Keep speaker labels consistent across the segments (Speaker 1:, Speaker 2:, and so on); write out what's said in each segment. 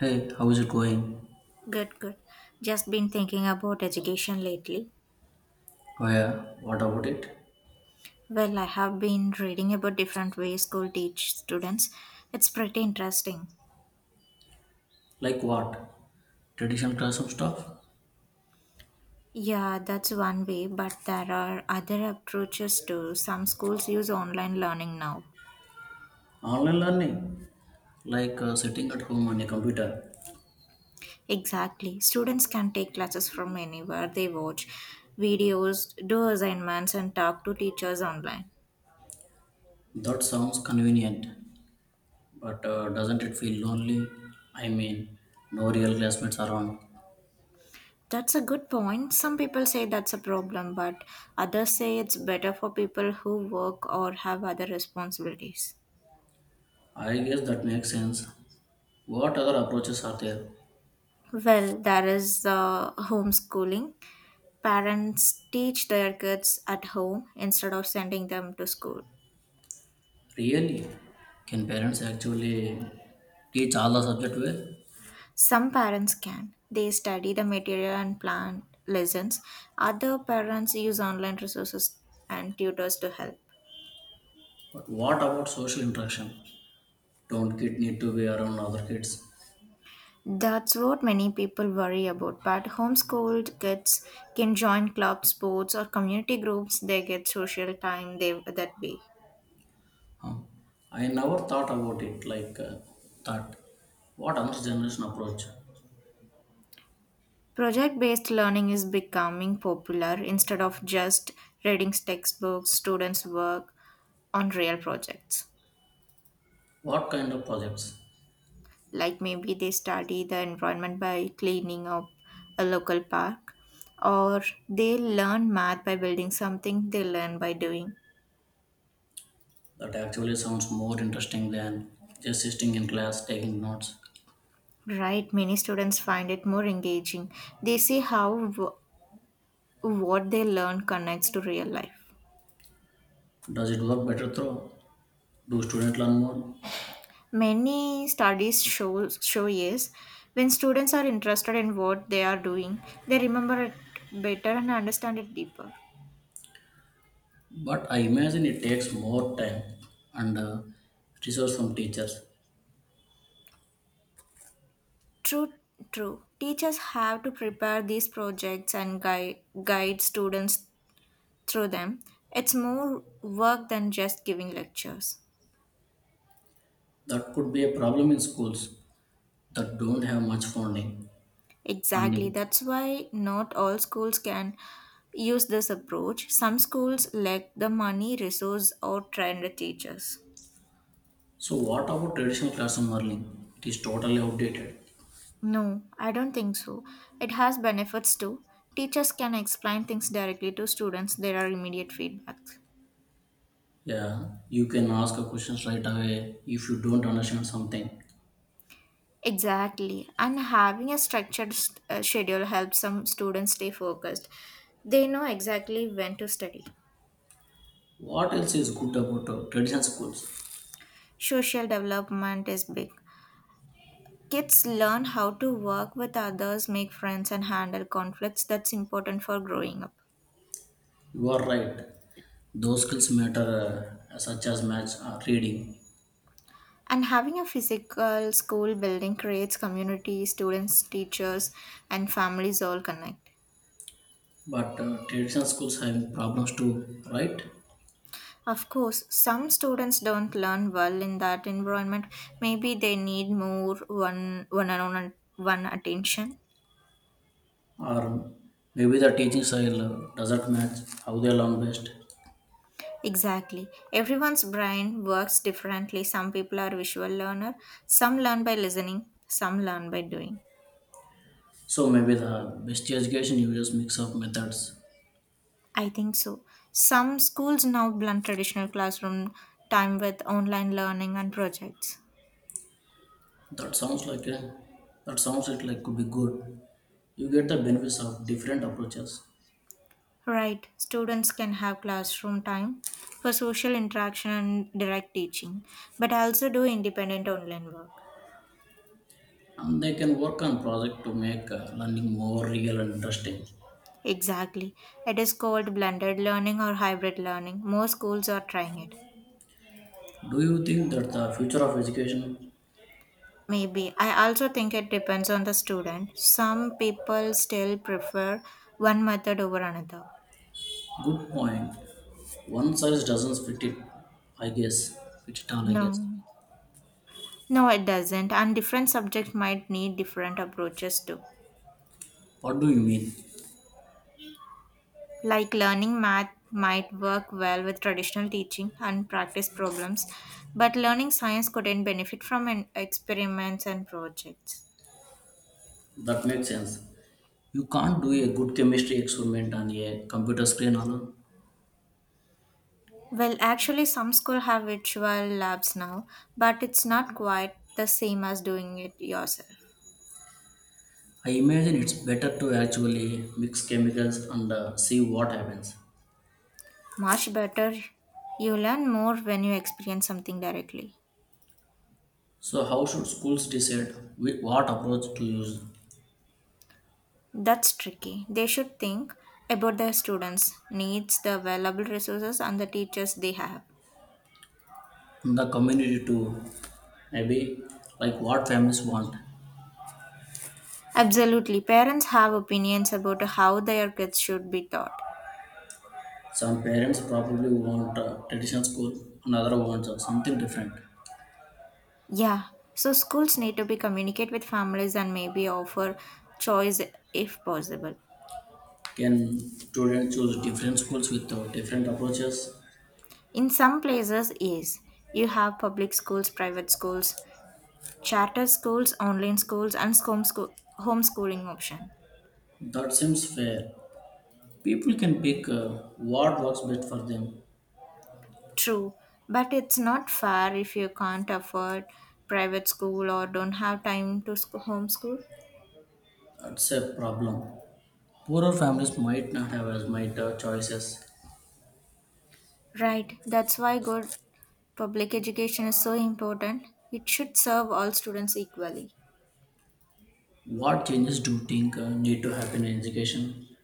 Speaker 1: Hey, how is it going?
Speaker 2: Good, good. Just been thinking about education lately.
Speaker 1: Oh yeah, what about it?
Speaker 2: Well, I have been reading about different ways school teach students. It's pretty interesting.
Speaker 1: Like what? Traditional classroom stuff?
Speaker 2: Yeah, that's one way, but there are other approaches too. Some schools use online learning now.
Speaker 1: Online learning? Like sitting at home on a computer?
Speaker 2: Exactly. Students can take classes from anywhere. They watch videos, do assignments, and talk to teachers online.
Speaker 1: That sounds convenient, but doesn't it feel lonely? I mean, no real classmates around.
Speaker 2: That's a good point. Some people say that's a problem, but others say it's better for people who work or have other responsibilities.
Speaker 1: I guess that makes sense. What other approaches are there?
Speaker 2: Well, there is the homeschooling. Parents teach their kids at home instead of sending them to school.
Speaker 1: Really? Can parents actually teach all the subject well?
Speaker 2: Some parents can. They study the material and plan lessons. Other parents use online resources and tutors to help.
Speaker 1: But what about social interaction? Don't kids need to be around other kids?
Speaker 2: That's what many people worry about. But homeschooled kids can join club sports or community groups. They get social time that way.
Speaker 1: Huh. I never thought about it like that. What another generation approach?
Speaker 2: Project based learning is becoming popular instead of just reading textbooks, students work on real projects.
Speaker 1: What kind of projects?
Speaker 2: Like maybe they study the environment by cleaning up a local park, or they learn math by building something they learn by doing.
Speaker 1: That actually sounds more interesting than just sitting in class taking notes.
Speaker 2: Right, many students find it more engaging. They see what they learn connects to real life.
Speaker 1: Does it work better through? Do students learn more?
Speaker 2: Many studies show yes, when students are interested in what they are doing, they remember it better and understand it deeper.
Speaker 1: But I imagine it takes more time and resource from teachers.
Speaker 2: True, True. Teachers have to prepare these projects and guide students through them. It's more work than just giving lectures.
Speaker 1: That could be a problem in schools that don't have much funding.
Speaker 2: Exactly.
Speaker 1: Funding.
Speaker 2: That's why not all schools can use this approach. Some schools lack the money, resource, or trained teachers.
Speaker 1: So what about traditional classroom learning? It is totally outdated.
Speaker 2: No, I don't think so. It has benefits too. Teachers can explain things directly to students, there are immediate feedbacks.
Speaker 1: Yeah, you can ask a question right away if you don't understand something.
Speaker 2: Exactly. And having a schedule helps some students stay focused. They know exactly when to study.
Speaker 1: What else is good about traditional schools?
Speaker 2: Social development is big. Kids learn how to work with others, make friends, and handle conflicts. That's important for growing up.
Speaker 1: You are right. Those skills matter, such as maths or reading.
Speaker 2: And having a physical school building creates community, students, teachers, and families all connect.
Speaker 1: But traditional schools have problems too, right?
Speaker 2: Of course, some students don't learn well in that environment. Maybe they need more one on one attention.
Speaker 1: Or maybe the teaching style doesn't match how they learn best.
Speaker 2: Exactly. Everyone's brain works differently. Some people are visual learner, some learn by listening, some learn by doing.
Speaker 1: So maybe the best education uses mix of methods.
Speaker 2: I think so. Some schools now blend traditional classroom time with online learning and projects.
Speaker 1: That sounds like a, that sounds it like could be good. You get the benefits of different approaches.
Speaker 2: Right, students can have classroom time for social interaction and direct teaching, but also do independent online work.
Speaker 1: And they can work on project to make learning more real and interesting.
Speaker 2: Exactly. It is called blended learning or hybrid learning. More schools are trying it.
Speaker 1: Do you think that the future of education?
Speaker 2: Maybe. I also think it depends on the student. Some people still prefer one method over another.
Speaker 1: Good point. One size doesn't i guess fit it all, I guess.
Speaker 2: No. No, it doesn't, and different subjects might need different approaches too.
Speaker 1: What do you mean?
Speaker 2: Like learning math might work well with traditional teaching and practice problems, but learning science couldn't benefit from an experiments and projects.
Speaker 1: That makes sense. You can't do a good chemistry experiment on a computer screen alone.
Speaker 2: Well, actually, some schools have virtual labs now, but it's not quite the same as doing it yourself.
Speaker 1: I imagine it's better to actually mix chemicals and see what happens.
Speaker 2: Much better, you learn more when you experience something directly.
Speaker 1: So how should schools decide what approach to use?
Speaker 2: That's tricky. They should think about their students' needs, the available resources, and the teachers they have.
Speaker 1: The community too. Maybe like what families want.
Speaker 2: Absolutely. Parents have opinions about how their kids should be taught.
Speaker 1: Some parents probably want a traditional school, another wants something different.
Speaker 2: Yeah. So schools need to be communicate with families and maybe offer choice if possible.
Speaker 1: Can students choose different schools with different approaches?
Speaker 2: In some places, yes. You have public schools, private schools, charter schools, online schools, and home schooling option.
Speaker 1: That seems fair. People can pick what works best for them.
Speaker 2: True, but it's not fair if you can't afford private school or don't have time to homeschool.
Speaker 1: That's a problem. Poorer families might not have as much choices.
Speaker 2: Right, that's why good public education is so important. It should serve all students equally.
Speaker 1: What changes do you think need to happen in education?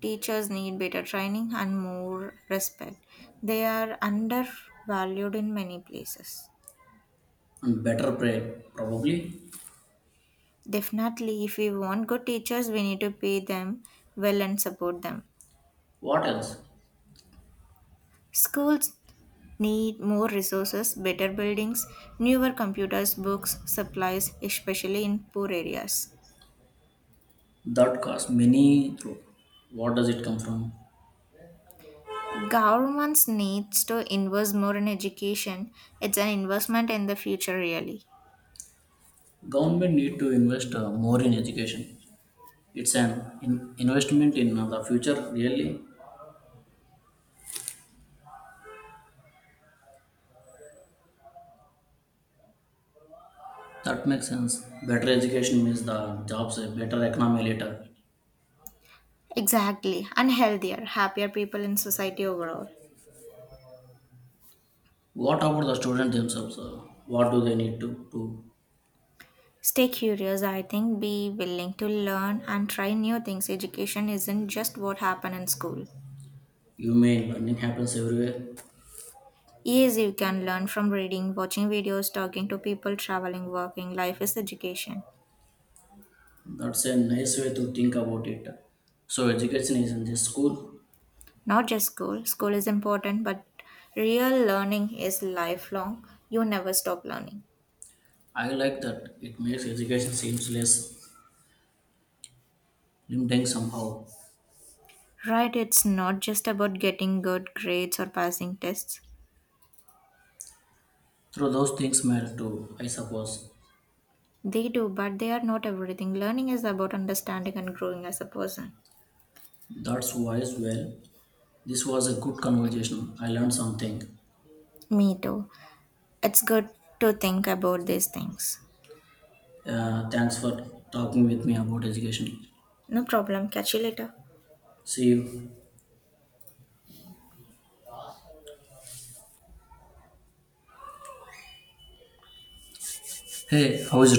Speaker 2: Teachers need better training and more respect. They are undervalued in many places.
Speaker 1: And better pay, probably.
Speaker 2: Definitely, if we want good teachers, we need to pay them well and support them.
Speaker 1: What else?
Speaker 2: Schools need more resources, better buildings, newer computers, books, supplies, especially in poor areas.
Speaker 1: That costs many through. What does it come from?
Speaker 2: Governments needs to invest more in education. It's an investment in the future really.
Speaker 1: Government need to invest more in education. It's an investment in the future, really. That makes sense. Better education means the jobs, a better economy later.
Speaker 2: Exactly. And healthier, happier people in society overall.
Speaker 1: What about the students themselves? What do they need to do?
Speaker 2: Stay curious, I think. Be willing to learn and try new things. Education isn't just what happened in school.
Speaker 1: You mean learning happens everywhere?
Speaker 2: Yes, you can learn from reading, watching videos, talking to people, traveling, working. Life is education.
Speaker 1: That's a nice way to think about it. So education is in this school.
Speaker 2: Not just school, school is important, but real learning is lifelong. You never stop learning.
Speaker 1: I like that. It makes education seems less limiting somehow.
Speaker 2: Right, it's not just about getting good grades or passing tests.
Speaker 1: So those things matter too, I suppose.
Speaker 2: They do, but they are not everything. Learning is about understanding and growing as a person.
Speaker 1: That's wise. Well, this was a good conversation. I learned something.
Speaker 2: Me too. It's good to think about these things.
Speaker 1: Thanks for talking with me about education.
Speaker 2: No problem. Catch you later.
Speaker 1: See you. Hey, how is